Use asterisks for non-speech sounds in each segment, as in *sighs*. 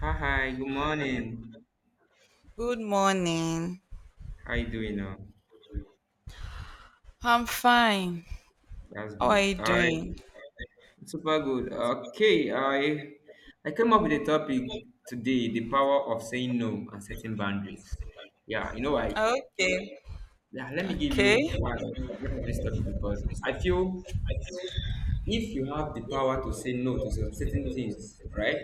Hi, hi, good morning. Good morning. How you doing now? I'm fine. That's How are good. you All right, doing? super good. Okay, I came up with a topic today, the power of saying no and setting boundaries. Yeah, you know why? Okay. Yeah, let me give Okay. you why I brought up this topic because I feel if you have the power to say no to some certain things, right?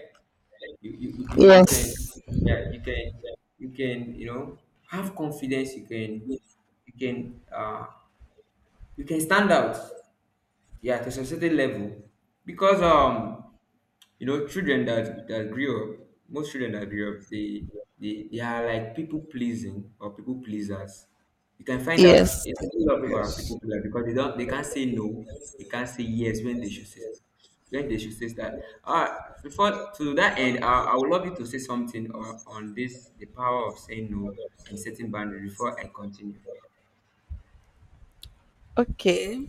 You can, yeah, you can have confidence, you can uh you can stand out, yeah, to some certain level, because children that grew up, most children that grew up, they are like people pleasing or people pleasers. You can find out, Yes. yeah, a lot of people are Yes. people pleasers because they can't say no. They can't say yes when they should say that, before, to that end, I would love you to say something, or on this, the power of saying no and setting boundaries, before I continue. Okay.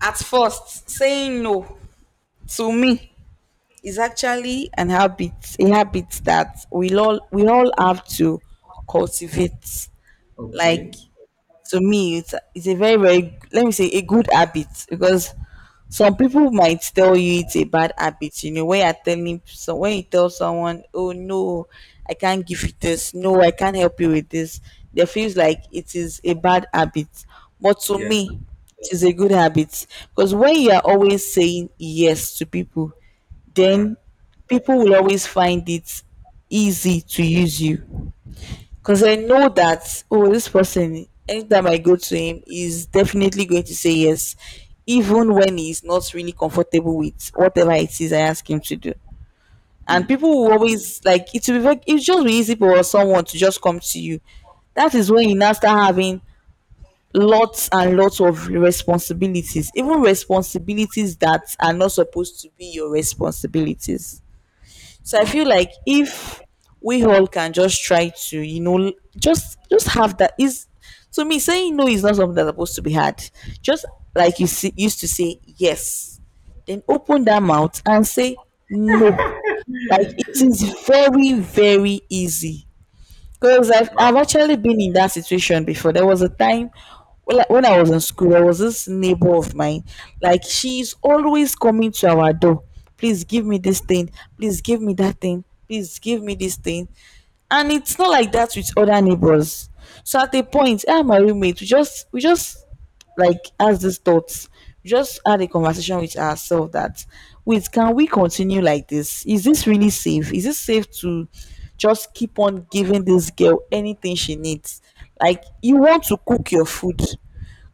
At first, saying no to me is actually an habit, a habit that we all have to cultivate. Okay. Like, to me it's a very very, let me say, a good habit, because some people might tell you it's a bad habit. When you're telling So when you tell someone, oh, no, I can't give you this, no, I can't help you with this, they feels like it is a bad habit. But to Yeah, me it is a good habit, because when you are always saying yes to people, yeah. then people will always find it easy to use you, because I know that, oh, this person, anytime I go to him, is definitely going to say yes, even when he's not really comfortable with whatever it is I ask him to do. And people Hmm. will always, like, it will be very, it's just be easy for someone to just come to you. That is when you now start having lots and lots of responsibilities, even responsibilities that are not supposed to be your responsibilities. So I Wow, feel like, if we all can just try to, just have that is, to me saying no is not something that's supposed to be hard. Just like, you see, used to say yes, then open that mouth and say no. Like, it is very very easy, because I've, wow. I've actually been in that situation before. There was a time when I was in school, there was this neighbor of mine. Like, she's always coming to our door. Please give me this thing. Please give me that thing. Please give me this thing. And it's not like that with other neighbors. So at a point, I and my roommate, we just like has these thoughts, just had a conversation with ourselves that, wait, can we continue like this? Is this really safe? Is it safe to just keep on giving this girl anything she needs? Like, you want to cook your food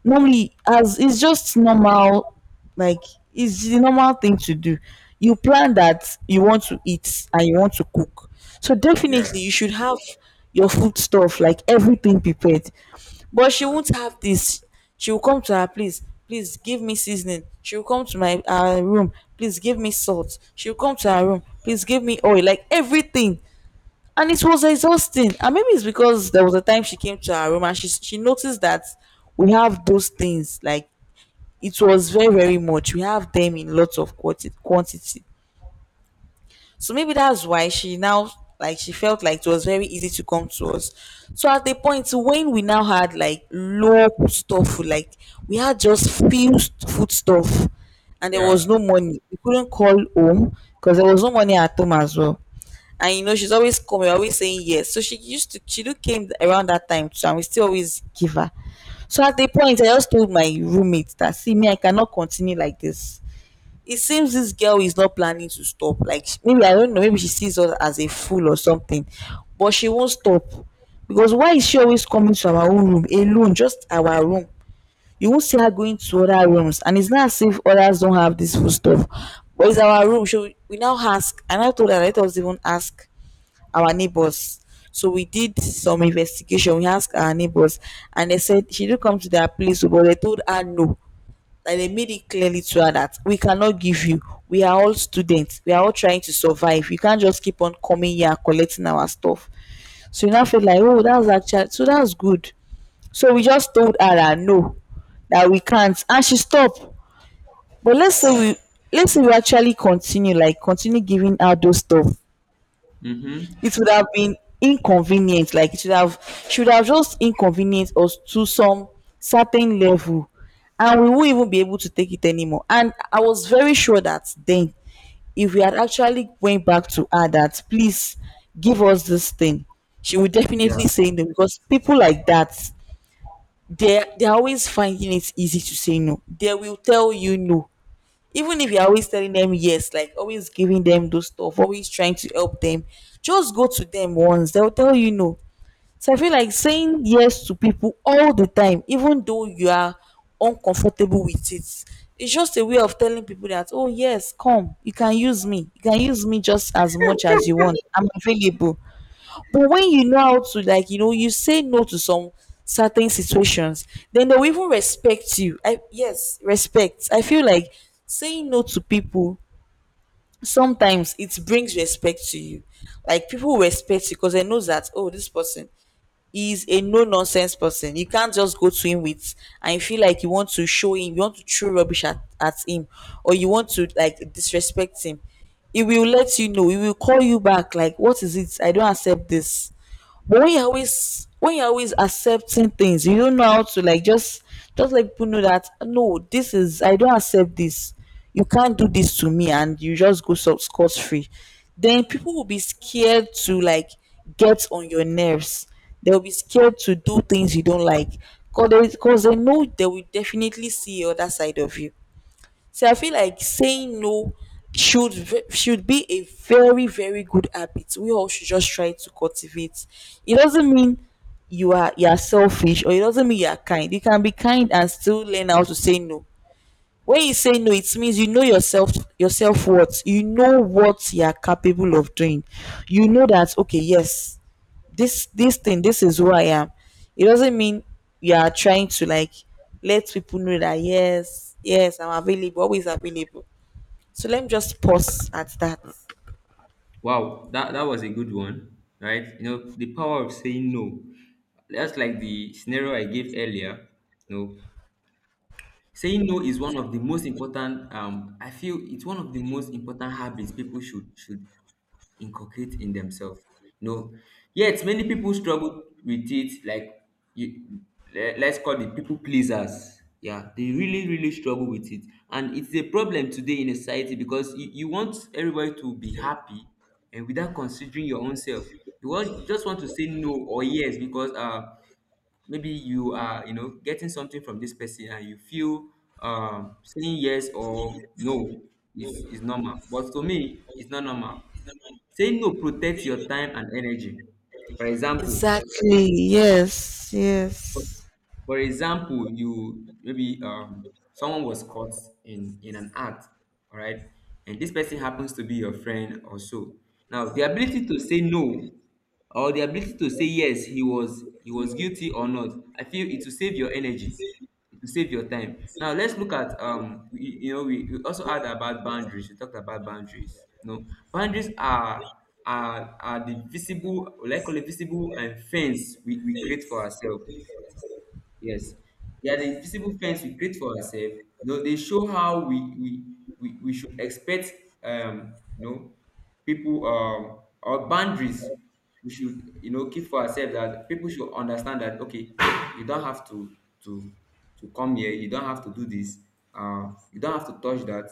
normally, as it's just normal, like it's the normal thing to do. You plan that you want to eat and you want to cook, so Yeah. definitely you should have your food stuff, like everything prepared. But she won't have this. She will come to her place, please give me seasoning. She will come to my room, please give me salt. She will come to her room, please give me oil, like everything. And it was exhausting. And maybe it's because there was a time she came to our room and she noticed that we have those things. Like, it was very very much, we have them in lots of quantity. So maybe that's why she now, like, she felt like it was very easy to come to us. So at the point when we now had like low stuff, like we had just few food stuff, and there was Yeah. no money, we couldn't call home, because there was no money at home as well. And she's always coming, always saying yes, so she used to, she do came around that time too, and we still always give her. So at the point, I just told my roommate that, see me, I cannot continue like this. It seems this girl is not planning to stop, like maybe I don't know, maybe she sees us as a fool or something, but she won't stop. Because, why is she always coming to our own room alone, just our room? You won't see her going to other rooms, and it's not as if others don't have this food stuff, but it's our room. So we now ask, and I told her that, let us even ask our neighbors. So we did some investigation. We asked our neighbors, and they said she did come to their place, but they told her no. Like, they made it clearly to her that, we cannot give you, we are all students, we are all trying to survive, you can't just keep on coming here and collecting our stuff. So you now feel like, oh, that's actually so, that's good. So we just told her that no, that we can't, and she stopped. But let's say we actually continue, like, continue giving her those stuff. Mm-hmm. It would have been inconvenient, like it should have just inconvenienced us to some certain level, and we won't even be able to take it anymore. And I was very sure that then, if we had actually went back to her that, please give us this thing, she would Yeah. definitely say no, because people like that, they're always finding it easy to say no. They will tell you no, even if you're always telling them yes, like always giving them those stuff, always trying to help them, just go to them once, they'll tell you no. So I feel like saying yes to people all the time, even though you are uncomfortable with it, it's just a way of telling people that, oh, yes, come, you can use me. You can use me just as much as you want. I'm available. But when you know how to, like, you say no to some certain situations, then they will even respect you. I, yes, respect. I feel like saying no to people sometimes, it brings respect to you. Like, people respect you because they know that, oh, this person is a no nonsense person. You can't just go to him with, and you feel like you want to show him, you want to throw rubbish at him, or you want to, like, disrespect him. He will let you know. He will call you back like, what is it? I don't accept this. But when you're always accepting things, you don't know how to, like, just let people know that, no, this is, I don't accept this, you can't do this to me, and you just go sub scot free. Then people will be scared to, like, get on your nerves. They'll be scared to do things you don't like, cause they know they will definitely see the other side of you. So I feel like saying no should be a very very good habit we all should just try to cultivate. It doesn't mean you are selfish, or it doesn't mean you are kind. You can be kind and still learn how to say no. When you say no, it means you know yourself what you know what you are capable of doing. You know that, okay, yes, this is who I am. It doesn't mean you are trying to, like, let people know that, yes, yes, I'm available, always available. So let me just pause at that. Wow. That was a good one, right? The power of saying no. That's like the scenario I gave earlier. No, saying no is one of the most important. I feel it's one of the most important habits people should inculcate in themselves. You know, Yet many people struggle with it. Like, you, let's call it people pleasers. Yeah, they really, really struggle with it, and it's a problem today in a society because you want everybody to be happy, and without considering your own self, you just want to say no or yes, because maybe you are getting something from this person and you feel saying yes or no is normal, but to me it's not normal. Saying no protects your time and energy. for example Exactly. Yes. Yes. For example, you maybe someone was caught in an act, all right, and this person happens to be your friend or so. Now, the ability to say no or the ability to say yes, he was guilty or not. I feel it will save your energy, it will save your time. Now, let's look at, we also had about boundaries. We talked about boundaries. No, boundaries are, the visible, like call it visible and fence we create for ourselves. Yes, they are the invisible fence we create for ourselves. They show how we should expect, um you know people, our boundaries, we should you know keep for ourselves, that people should understand that, okay, you don't have to to come here, you don't have to do this, you don't have to touch that,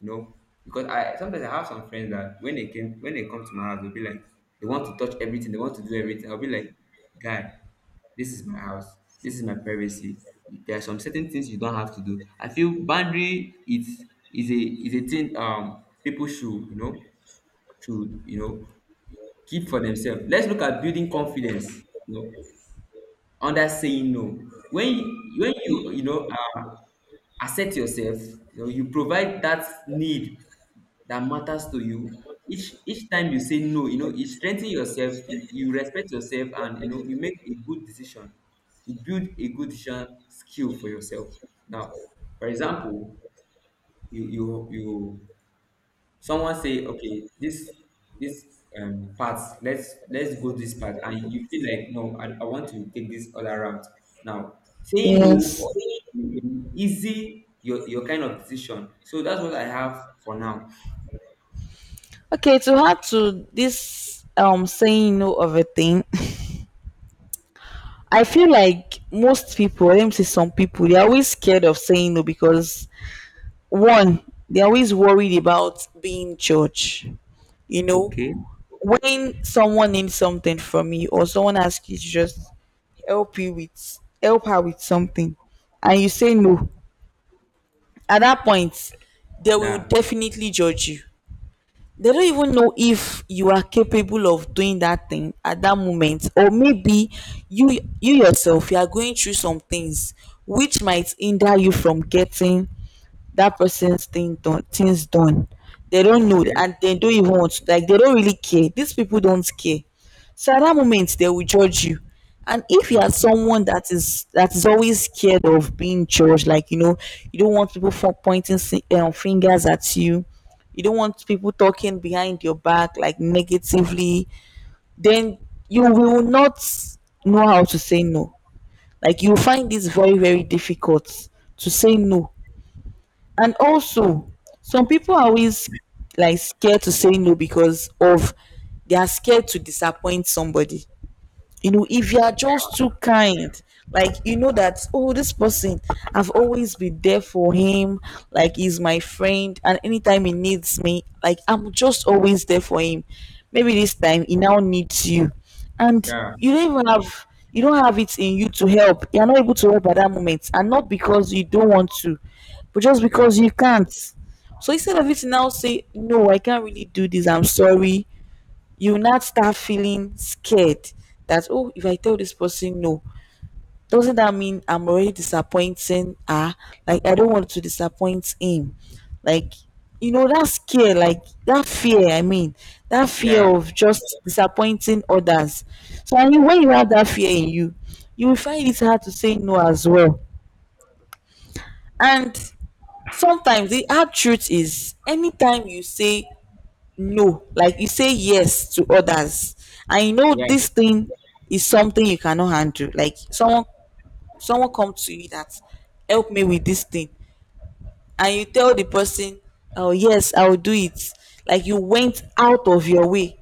you know because I sometimes I have some friends that, when they come to my house, they'll be like they want to touch everything, they want to do everything. I'll be like, guy, this is my house, this is my privacy, there are some certain things you don't have to do. I feel boundary is a thing, people you know should you know keep for themselves. Let's look at building confidence. Under saying no, when you, you know accept yourself, you provide that need that matters to you. Each time you say no, you strengthen yourself, you respect yourself, and you make a good decision. You build a good decision skill for yourself. Now, for example, you someone say, okay, this part, let's go this part, and you feel like, no, I want to take this other route. Now, saying no, Yes. or easy your kind of decision, so that's what I have for now. Okay. To add to this, saying no of a thing. *laughs* I feel like most people, let me say, some people, they're always scared of saying no, because, one, they're always worried about being judged. You know, Okay. when someone needs something from you, or someone asks you to just help her with something, and you say no, at that point they will Yeah. definitely judge you. They don't even know if you are capable of doing that thing at that moment, or maybe you yourself you are going through some things which might hinder you from getting that person's things done. They don't know, Okay. and they don't even want to, like, they don't really care, these people don't care. So at that moment they will judge you. And if you are Hmm. someone that is always scared of being judged, like, you don't want people for pointing fingers at you. You don't want people talking behind your back, like, negatively. Then you will not know how to say no, like, you find this very very difficult to say no. And also, some people are always, like, scared to say no because of, they are scared to disappoint somebody. If you are just too kind, like, you know that, oh, this person, I've always been there for him, like, he's my friend, and anytime he needs me, like, I'm just always there for him. Maybe this time he now needs you, and Yeah. You don't have it in you to help, you're not able to help at that moment, and not because you don't want to, but just Yeah. because you can't. So instead of it now, say no, I can't really do this, I'm sorry. You not start feeling scared that, oh, if I tell this person no, doesn't that mean I'm already disappointing her? Like, I don't want to disappoint him. Like, you know that scare Like that fear, that fear Yeah. of just disappointing others. When you have that fear in you, you will find it hard to say no as well. And sometimes the hard truth is anytime you say no, like you say yes to others, and you know Yeah. this thing is something you cannot handle. Like someone come to you that, help me with this thing, and you tell the person, oh yes, I will do it. Like you went out of your way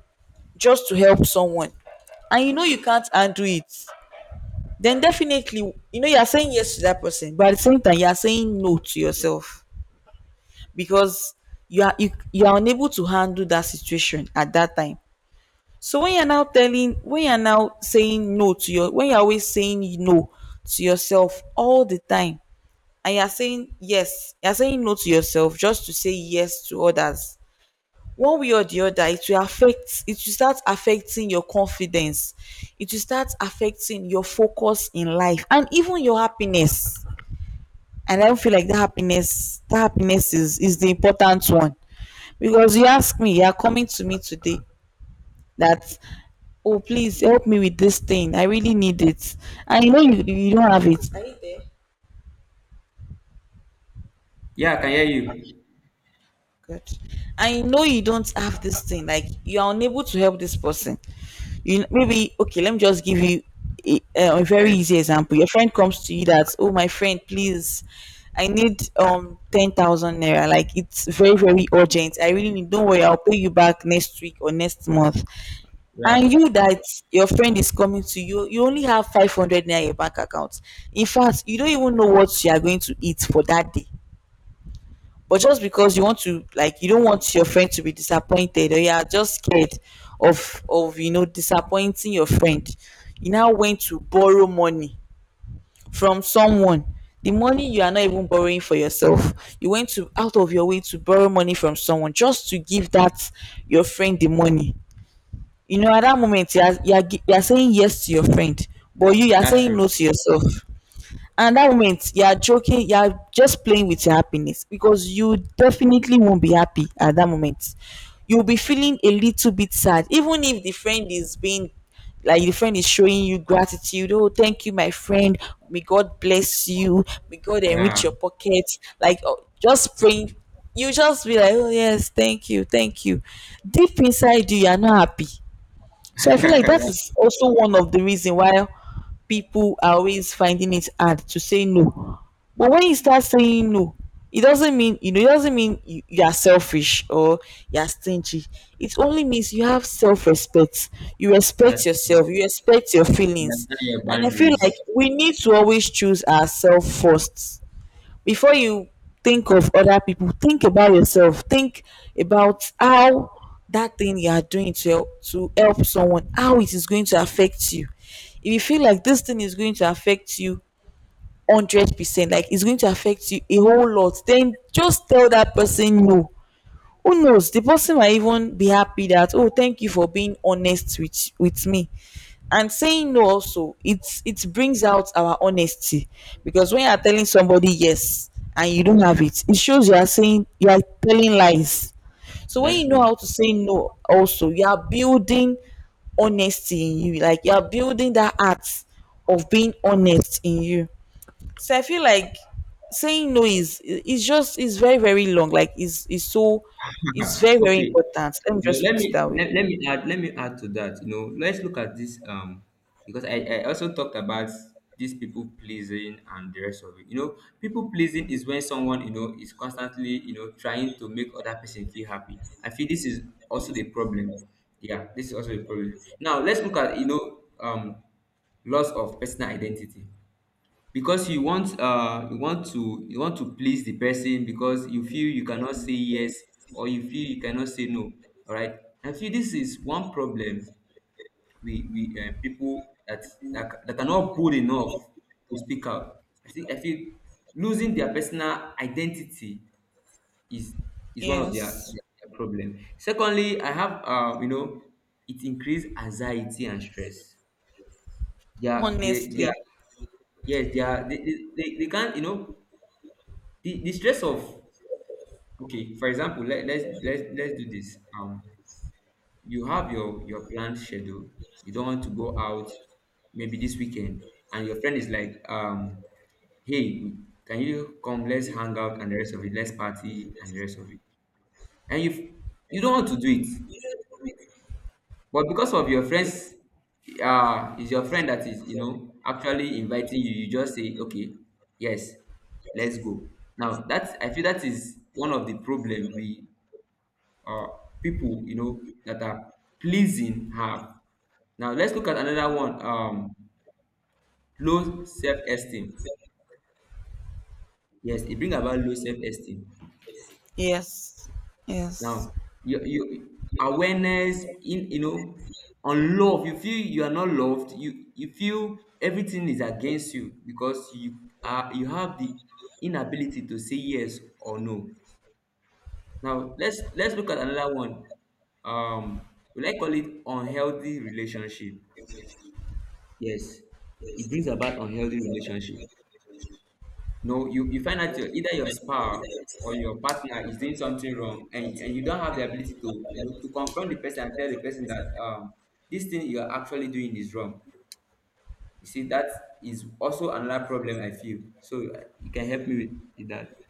just to help someone, and you know you can't handle it. Then definitely, you know you are saying yes to that person, but at the same time you are saying no to yourself, because you are unable to handle that situation at that time. So when you're now telling, when you're now saying no to your, when you're always saying no to yourself all the time, and you're saying yes, you're saying no to yourself just to say yes to others. One way or the other, it will affect, it will start affecting your confidence. It will start affecting your focus in life and even your happiness. And I don't feel like that happiness is the important one. Because you ask me, you are coming to me today that, oh please, help me with this thing, I really need it. And you know you don't have it. Are you there? Yeah. I can hear you. Good. I know you don't have this thing, like you are unable to help this person. Maybe okay, let me just give you a, a very Okay. easy example. Your friend comes to you that, oh my friend please, I need 10,000 naira, like it's very very urgent, I really need. Don't worry, I'll pay you back next week or next month. And Yeah. you that your friend is coming to you, you only have 500 naira in your bank account. In fact, you don't even know what you are going to eat for that day. But just because you want to, like you don't want your friend to be disappointed, or you are just scared of you know disappointing your friend, you now went to borrow money from someone. The money you are not even borrowing for yourself, you went to out of your way to borrow money from someone just to give that your friend the money. You know at that moment you are you are saying yes to your friend, but you are That's saying true. no to yourself. And that moment you are joking, you are just playing with your happiness, because you definitely won't be happy at that moment. You'll be feeling a little bit sad even if the friend is being, like the friend is showing you gratitude, oh thank you my friend, may God bless you, may God enrich Yeah. your pocket, like oh, just praying. You just be like, oh yes thank you, thank you. Deep inside you, you are not happy. So I *laughs* feel like that that's is also one of the reason why people are always finding it hard to say no. But when you start saying no, it doesn't mean you know it doesn't mean you are selfish or you are stingy. It only means you have self-respect. You respect that's yourself. You respect your feelings. Understand your And I feel like boundaries. we need to always choose ourselves first before you think of other people, think about yourself, think about how that thing you are doing to help someone, how it is going to affect you. If you feel like this thing is going to affect you 100%, like it's going to affect you a whole lot, then just tell that person no. Who knows, the person might even be happy that, oh thank you for being honest with me. And saying no also, it's it brings out our honesty, because when you are telling somebody yes and you don't have it, it shows you are saying, you are telling lies. So when That's you know true. how to say no, also you are building honesty in you, like you are building that art of being honest in you. So I feel like saying no is, it's just it's very very long. Like it's so it's very very Okay. important. Let me just Let put it me that way. let, let me add to that. Let's look at this, because I also talked about these people pleasing and the rest of it. People pleasing is when someone you know is constantly trying to make other person feel happy. I feel this is also the problem. Yeah, this is also a problem. Now let's look at, loss of personal identity, because you want to please the person, because you feel you cannot say yes or you feel you cannot say no. All right, I feel this is one problem, we people that are not bold enough to speak out. I think, I feel losing their personal identity is is one of their, Yes, their, their problem. Secondly, I have, it increase anxiety and stress. they are they, they honestly. are yes, they can't, the stress of, okay, for example, let's do this. You have your planned schedule, you don't want to go out maybe this weekend, and your friend is like, hey, can you come, let's hang out and the rest of it, let's party and the rest of it. And you don't want to do it, but because of your friends, is your friend that is, actually inviting you, you just say, okay, yes, let's go. Now that, I feel, that is one of the problem, we uh, people that are pleasing have. Now let's look at another one. Low self-esteem. Yes, it brings about low self-esteem. Yes, yes. Now you awareness in, unloved. You feel you are not loved. You feel everything is against you because you have the inability to say yes or no. Now let's look at another one. Um, will I call it unhealthy relationship? Yes, it brings about unhealthy relationship. No, you find out your either your spouse or your partner is doing something wrong, and you don't have the ability to, to confront the person and tell the person that, this thing you are actually doing is wrong. You see, that is also another problem, I feel. So, you can help me with that.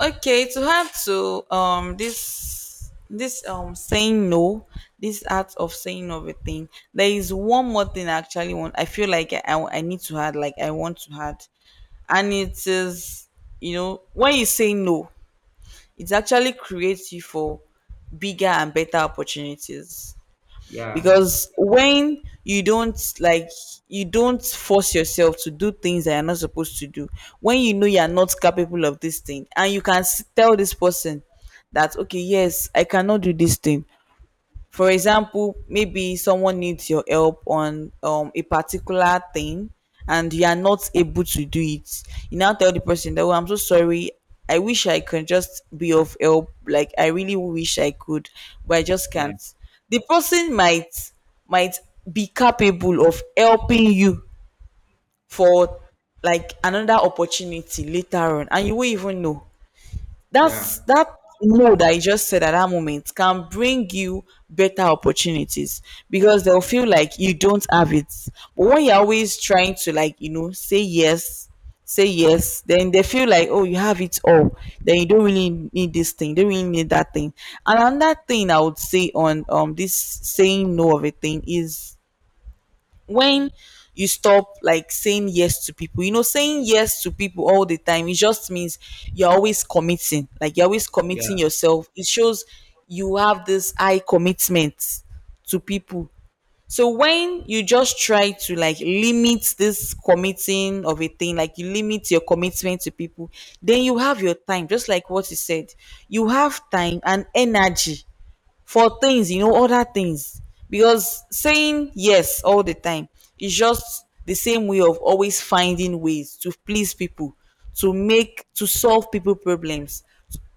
Okay, to have to this saying no, this art of saying no of a thing. There is one more thing I actually want. I feel like I need to add. Like I want to add, and it is, you know when you say no, it actually creates you for bigger and better opportunities. Yeah, Because when you don't, like you don't force yourself to do things that you're not supposed to do, when you know you're not capable of this thing, and you can tell this person that, okay yes, I cannot do this thing. For example, maybe someone needs your help on a particular thing and you are not able to do it. You now tell the person that, oh, I'm so sorry. I wish I could just be of help. Like, I really wish I could, but I just yeah, can't. The person might might be capable of helping you for like another opportunity later on, and you won't even know that's yeah, that no that you just said at that moment can bring you better opportunities. Because they'll feel like you don't have it, but when you're always trying to, like you know, say yes, then they feel like, oh you have it all, then you don't really need this thing, you don't really need that thing. And another thing I would say on this saying no of a thing is, when you stop like saying yes to people, you know, saying yes to people all the time, it just means you're always committing like you're always yeah, committing yourself, it shows you have this high commitment to people. So when you just try to like limit this committing of a thing, like you limit your commitment to people, then you have your time, just like what you said, you have time and energy for things, you know, other things. Because saying yes all the time is just the same way of always finding ways to please people, to make, to solve people problems,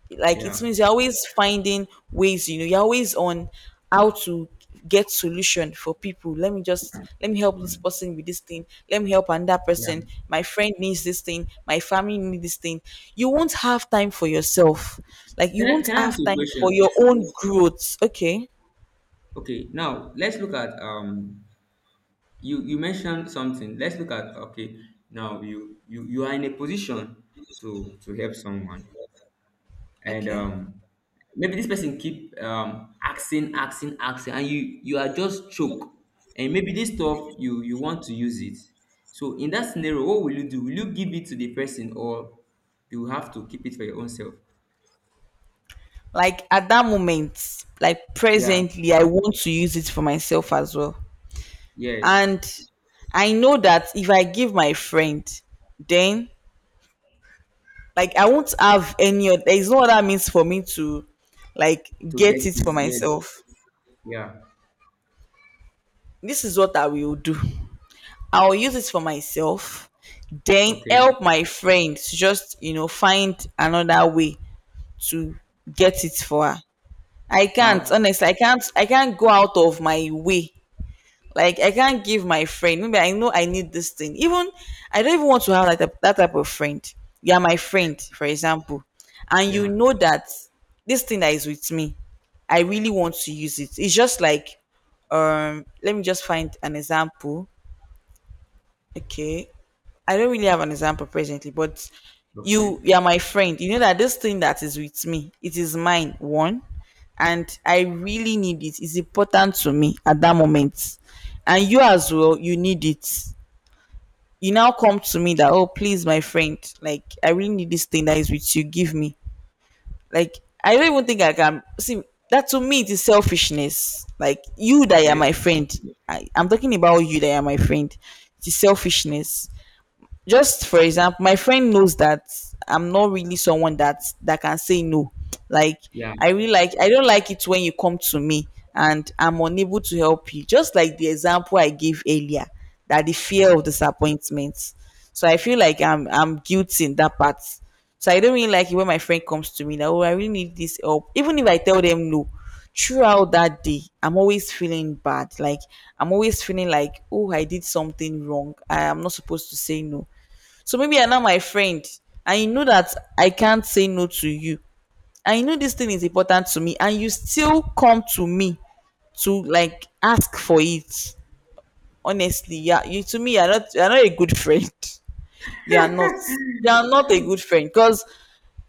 like it yeah, means you're always finding ways, you know, you're always on how to get solution for people. Let me just, let me help this person with this thing, let me help another yeah. person, my friend needs this thing, my family needs this thing. You won't have time for yourself, like you Can I won't can I ask have you a time for question? your own growth. Okay. Okay, now let's look at, you mentioned something, let's look at, okay, now you are in a position to help someone, and, Okay, maybe this person keep, asking, asking, asking, and you are just choke, and maybe this stuff you want to use it. So in that scenario, what will you do, will you give it to the person, or you have to keep it for your own self? like at that moment, like Yeah. presently I want to use it for myself as well. Yes, And I know that if I give my friend, then like I won't have any there is no other means for me to like to get get it it. for Yes. myself. Yeah. This is what I will do. I'll use it for myself, then Okay. help my friends just, you know, find another way to get it for her. I can't, Now. honestly I can't go out of my way. Like I can't give my friend. Maybe I know I need this thing. Even I don't even want to have like that type of friend. You are my friend, for example, and you Yeah. know that this thing that is with me, I really want to use it. It's just like, let me just find an example. Okay, I don't really have an example presently, but you Okay. you are my friend. You know that this thing that is with me, it is mine, one, and I really need it. It's important to me at that moment. And you as well, you need it. You now come to me that, oh please, my friend, like I really need this thing that is with you. Give me. Like I don't even think I can see that, to me it is selfishness. Like you that are Okay. my friend. I'm talking about you that are my friend. It is selfishness. Just for example, my friend knows that I'm not really someone that can say no. Like Yeah, I really like I don't like it when you come to me and I'm unable to help you. Just like the example I gave earlier, that the yeah. fear of disappointment. So I feel like I'm guilty in that part. So I don't really like it when my friend comes to me that, oh I really need this help. Even if I tell them no, throughout that day I'm always feeling bad. Like I'm always feeling like, oh I did something wrong. I am not supposed to say no. So maybe you're now my friend, and you know that I can't say no to you, and you know this thing is important to me, and you still come to me to ask for it. Honestly, yeah, you to me, you're not a good friend. *laughs* You are not, you are not a good friend, because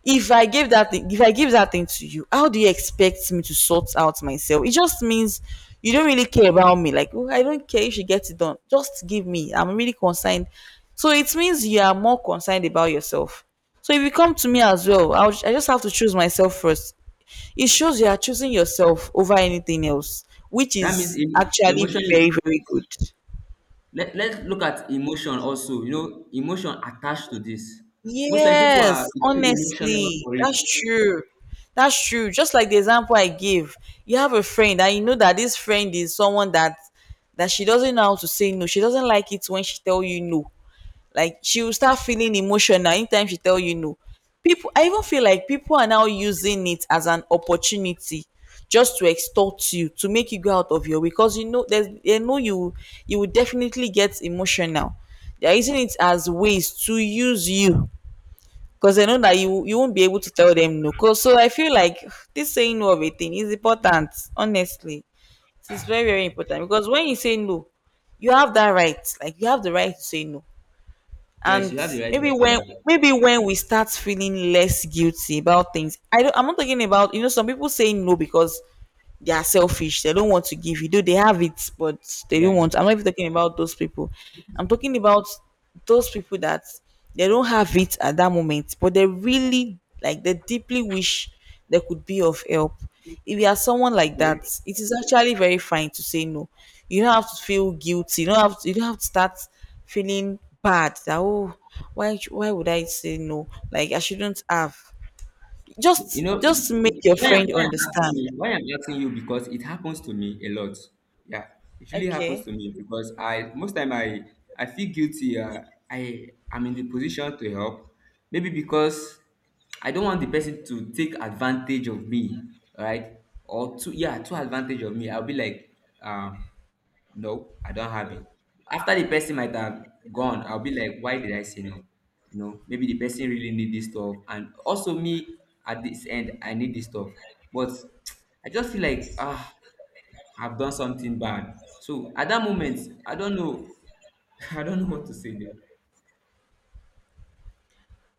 if I give that thing if I give that thing to you, how do you expect me to sort out myself? It just means you don't really care about me. Like, "Oh, I don't care if she gets it done, just give me, I'm really concerned." So it means you are more concerned about yourself. So if you come to me as well, I just have to choose myself first. It shows you are choosing yourself over anything else, which That means, is actually emotion is, very very good. let's look at emotion also, emotion attached to this. Most time people are Yes, too emotional honestly, for it. that's true. That's true. Just like the example I give, you have a friend and you know that this friend is someone that she doesn't know how to say no. She doesn't like it when she tell you no. Like, she will start feeling emotional anytime she tell you no. People, I even feel like people are now using it as an opportunity just to extort you, to make you go out of your way, because you know there's they know you, you will definitely get emotional. They are using it as ways to use you, because they know that you won't be able to tell them no. So I feel like *sighs* this saying no of a thing is important. Honestly, it is very very important, because when you say no, you have that right. Like, you have the right to say no. Yes, And you have the right to maybe say when no. maybe when we start feeling less guilty about things, I'm not talking about, you know, some people saying no because they are selfish. They don't want to give you. Though they have it, but they Yeah. don't want. I'm not even talking about those people. I'm talking about those people that they don't have it at that moment, but they really like they deeply wish they could be of help. If you are someone like Okay. that, it is actually very fine to say no. You don't have to feel guilty. You don't have to start feeling bad that, oh, why would I say no? Like, I shouldn't have. You Just know, just make your why I'm, friend why I'm asking understand. you, why I'm asking you because it happens to me a lot. Yeah, it really happens Okay. to me because I most time I feel guilty. I am in the position to help, maybe because I don't want the person to take advantage of me, right? Or to yeah, to advantage of me. I'll be like, no, I don't have it. After the person might have gone, I'll be like, why did I say no? No, maybe the person really need this stuff, and also me at this end, I need this stuff. But *tsk* I just feel like, I've done something bad. So at that moment, I don't know, *laughs* I don't know what to say. Then.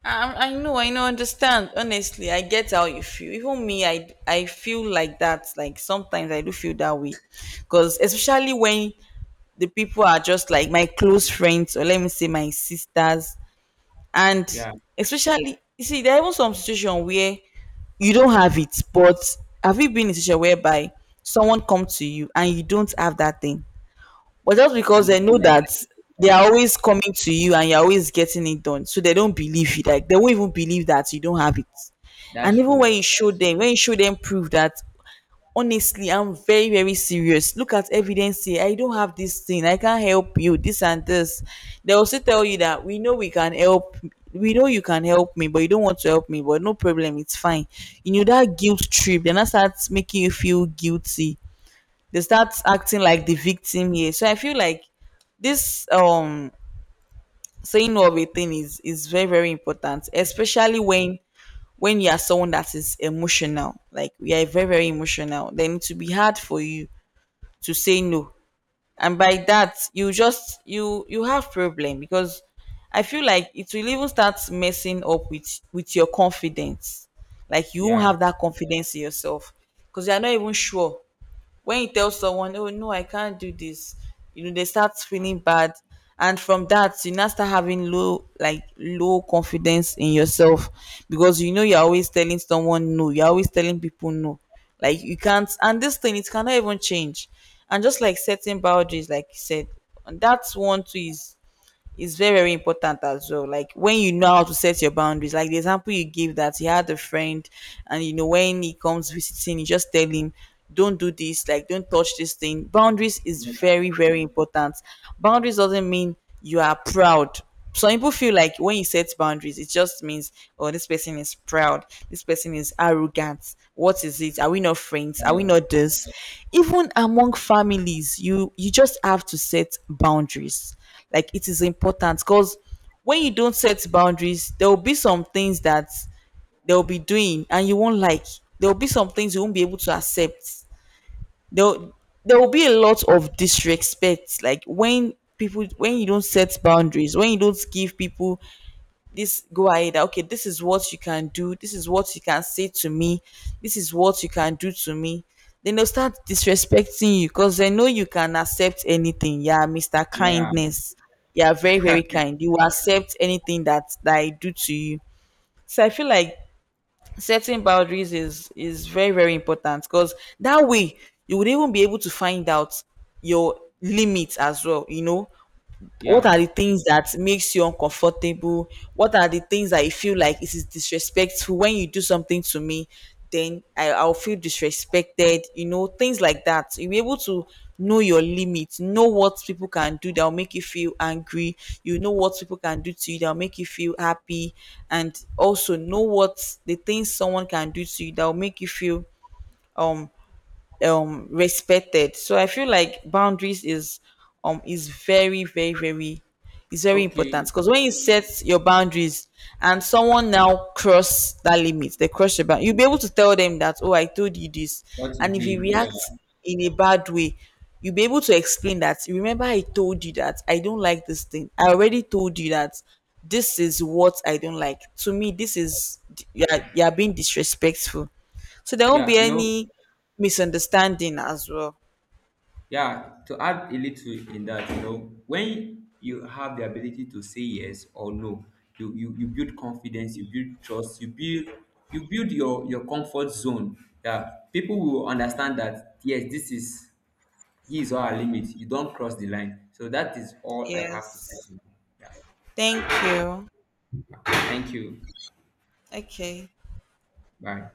I know, understand. Honestly, I get how you feel. Even me, I feel like that. Like, sometimes I do feel that way, because especially when the people are just like my close friends, or let me say my sisters, and Yeah, especially you see, there are even some situation where you don't have it, but have you been in a situation whereby someone come to you and you don't have that thing? But just and because I they know feel like I that they did it. are always coming to you and you're always getting it done, so they don't believe you. Like, they won't even believe that you don't have it. That's And even true. when you show them, when you show them proof that honestly, I'm very, very serious. Look at evidence here. I don't have this thing. I can't help you. This and this. They also tell you that we know we can help. We know you can help me, but you don't want to help me. But no problem, it's fine. You know that guilt trip. Then that starts making you feel guilty. They start acting like the victim here. So I feel like this saying no of a thing is very very important, especially when you are someone that is emotional. Like, you are very very emotional, then it will be hard for you to say no, and by that you just you have problem, because I feel like it will even start messing up with your confidence. Like, you won't Yeah, have that confidence in yourself, because you are not even sure when you tell someone, oh no, I can't do this, you know they start feeling bad, and from that you now start having low, like low confidence in yourself, because you know you're always telling someone no, you're always telling people no, like you can't, and this thing it cannot even change. And just like setting boundaries, like you said, and that's one too, is it's very very important as well. Like, when you know how to set your boundaries, like the example you give that you had a friend and you know when he comes visiting, you just tell him, don't do this, like, don't touch this thing. Boundaries is very very important. Boundaries doesn't mean you are proud. Some people feel like when you set boundaries, it just means, oh, this person is proud, this person is arrogant, what is it, are we not friends, are we yeah, not this. Even among families, you just have to set boundaries. Like, it is important, because when you don't set boundaries, there will be some things that they'll be doing and you won't like. There will be some things you won't be able to accept. There there will be a lot of disrespect. Like, when people, when you don't set boundaries, when you don't give people this go ahead, okay, this is what you can do, this is what you can say to me, this is what you can do to me, then they'll start disrespecting you, because they know you can accept anything. Yeah, Mr. yeah, Kindness, you are very very kind, you will accept anything that I do to you. So I feel like setting boundaries is very very important, because that way you would even be able to find out your limits as well, you know, what are yeah. the things that makes you uncomfortable, what are the things that you feel like it is disrespectful, when you do something to me, then I'll feel disrespected, you know, things like that. You'll be able to know your limits, know what people can do that'll make you feel angry, you know what people can do to you that'll make you feel happy, and also know what the things someone can do to you that'll make you feel um respected. So I feel like boundaries is very very very is very important, Okay, because when you set your boundaries and someone now cross that limit, they cross your bound, you'll be able to tell them that, oh, I told you this. what you And if you did? react Yeah, in a bad way, you'll be able to explain that, remember I told you that I don't like this thing, I already told you that this is what I don't like, to me this is you're, you're being disrespectful. So there won't yeah. be any misunderstanding as well. Yeah, to add a little in that, when you have the ability to say yes or no, you build confidence, you build trust, you build your comfort zone. Yeah, people will understand that, yes, this is his or her limit. You don't cross the line. So that is all I have to Yes. say to you. Yeah. Thank you. Thank you. Okay. Bye.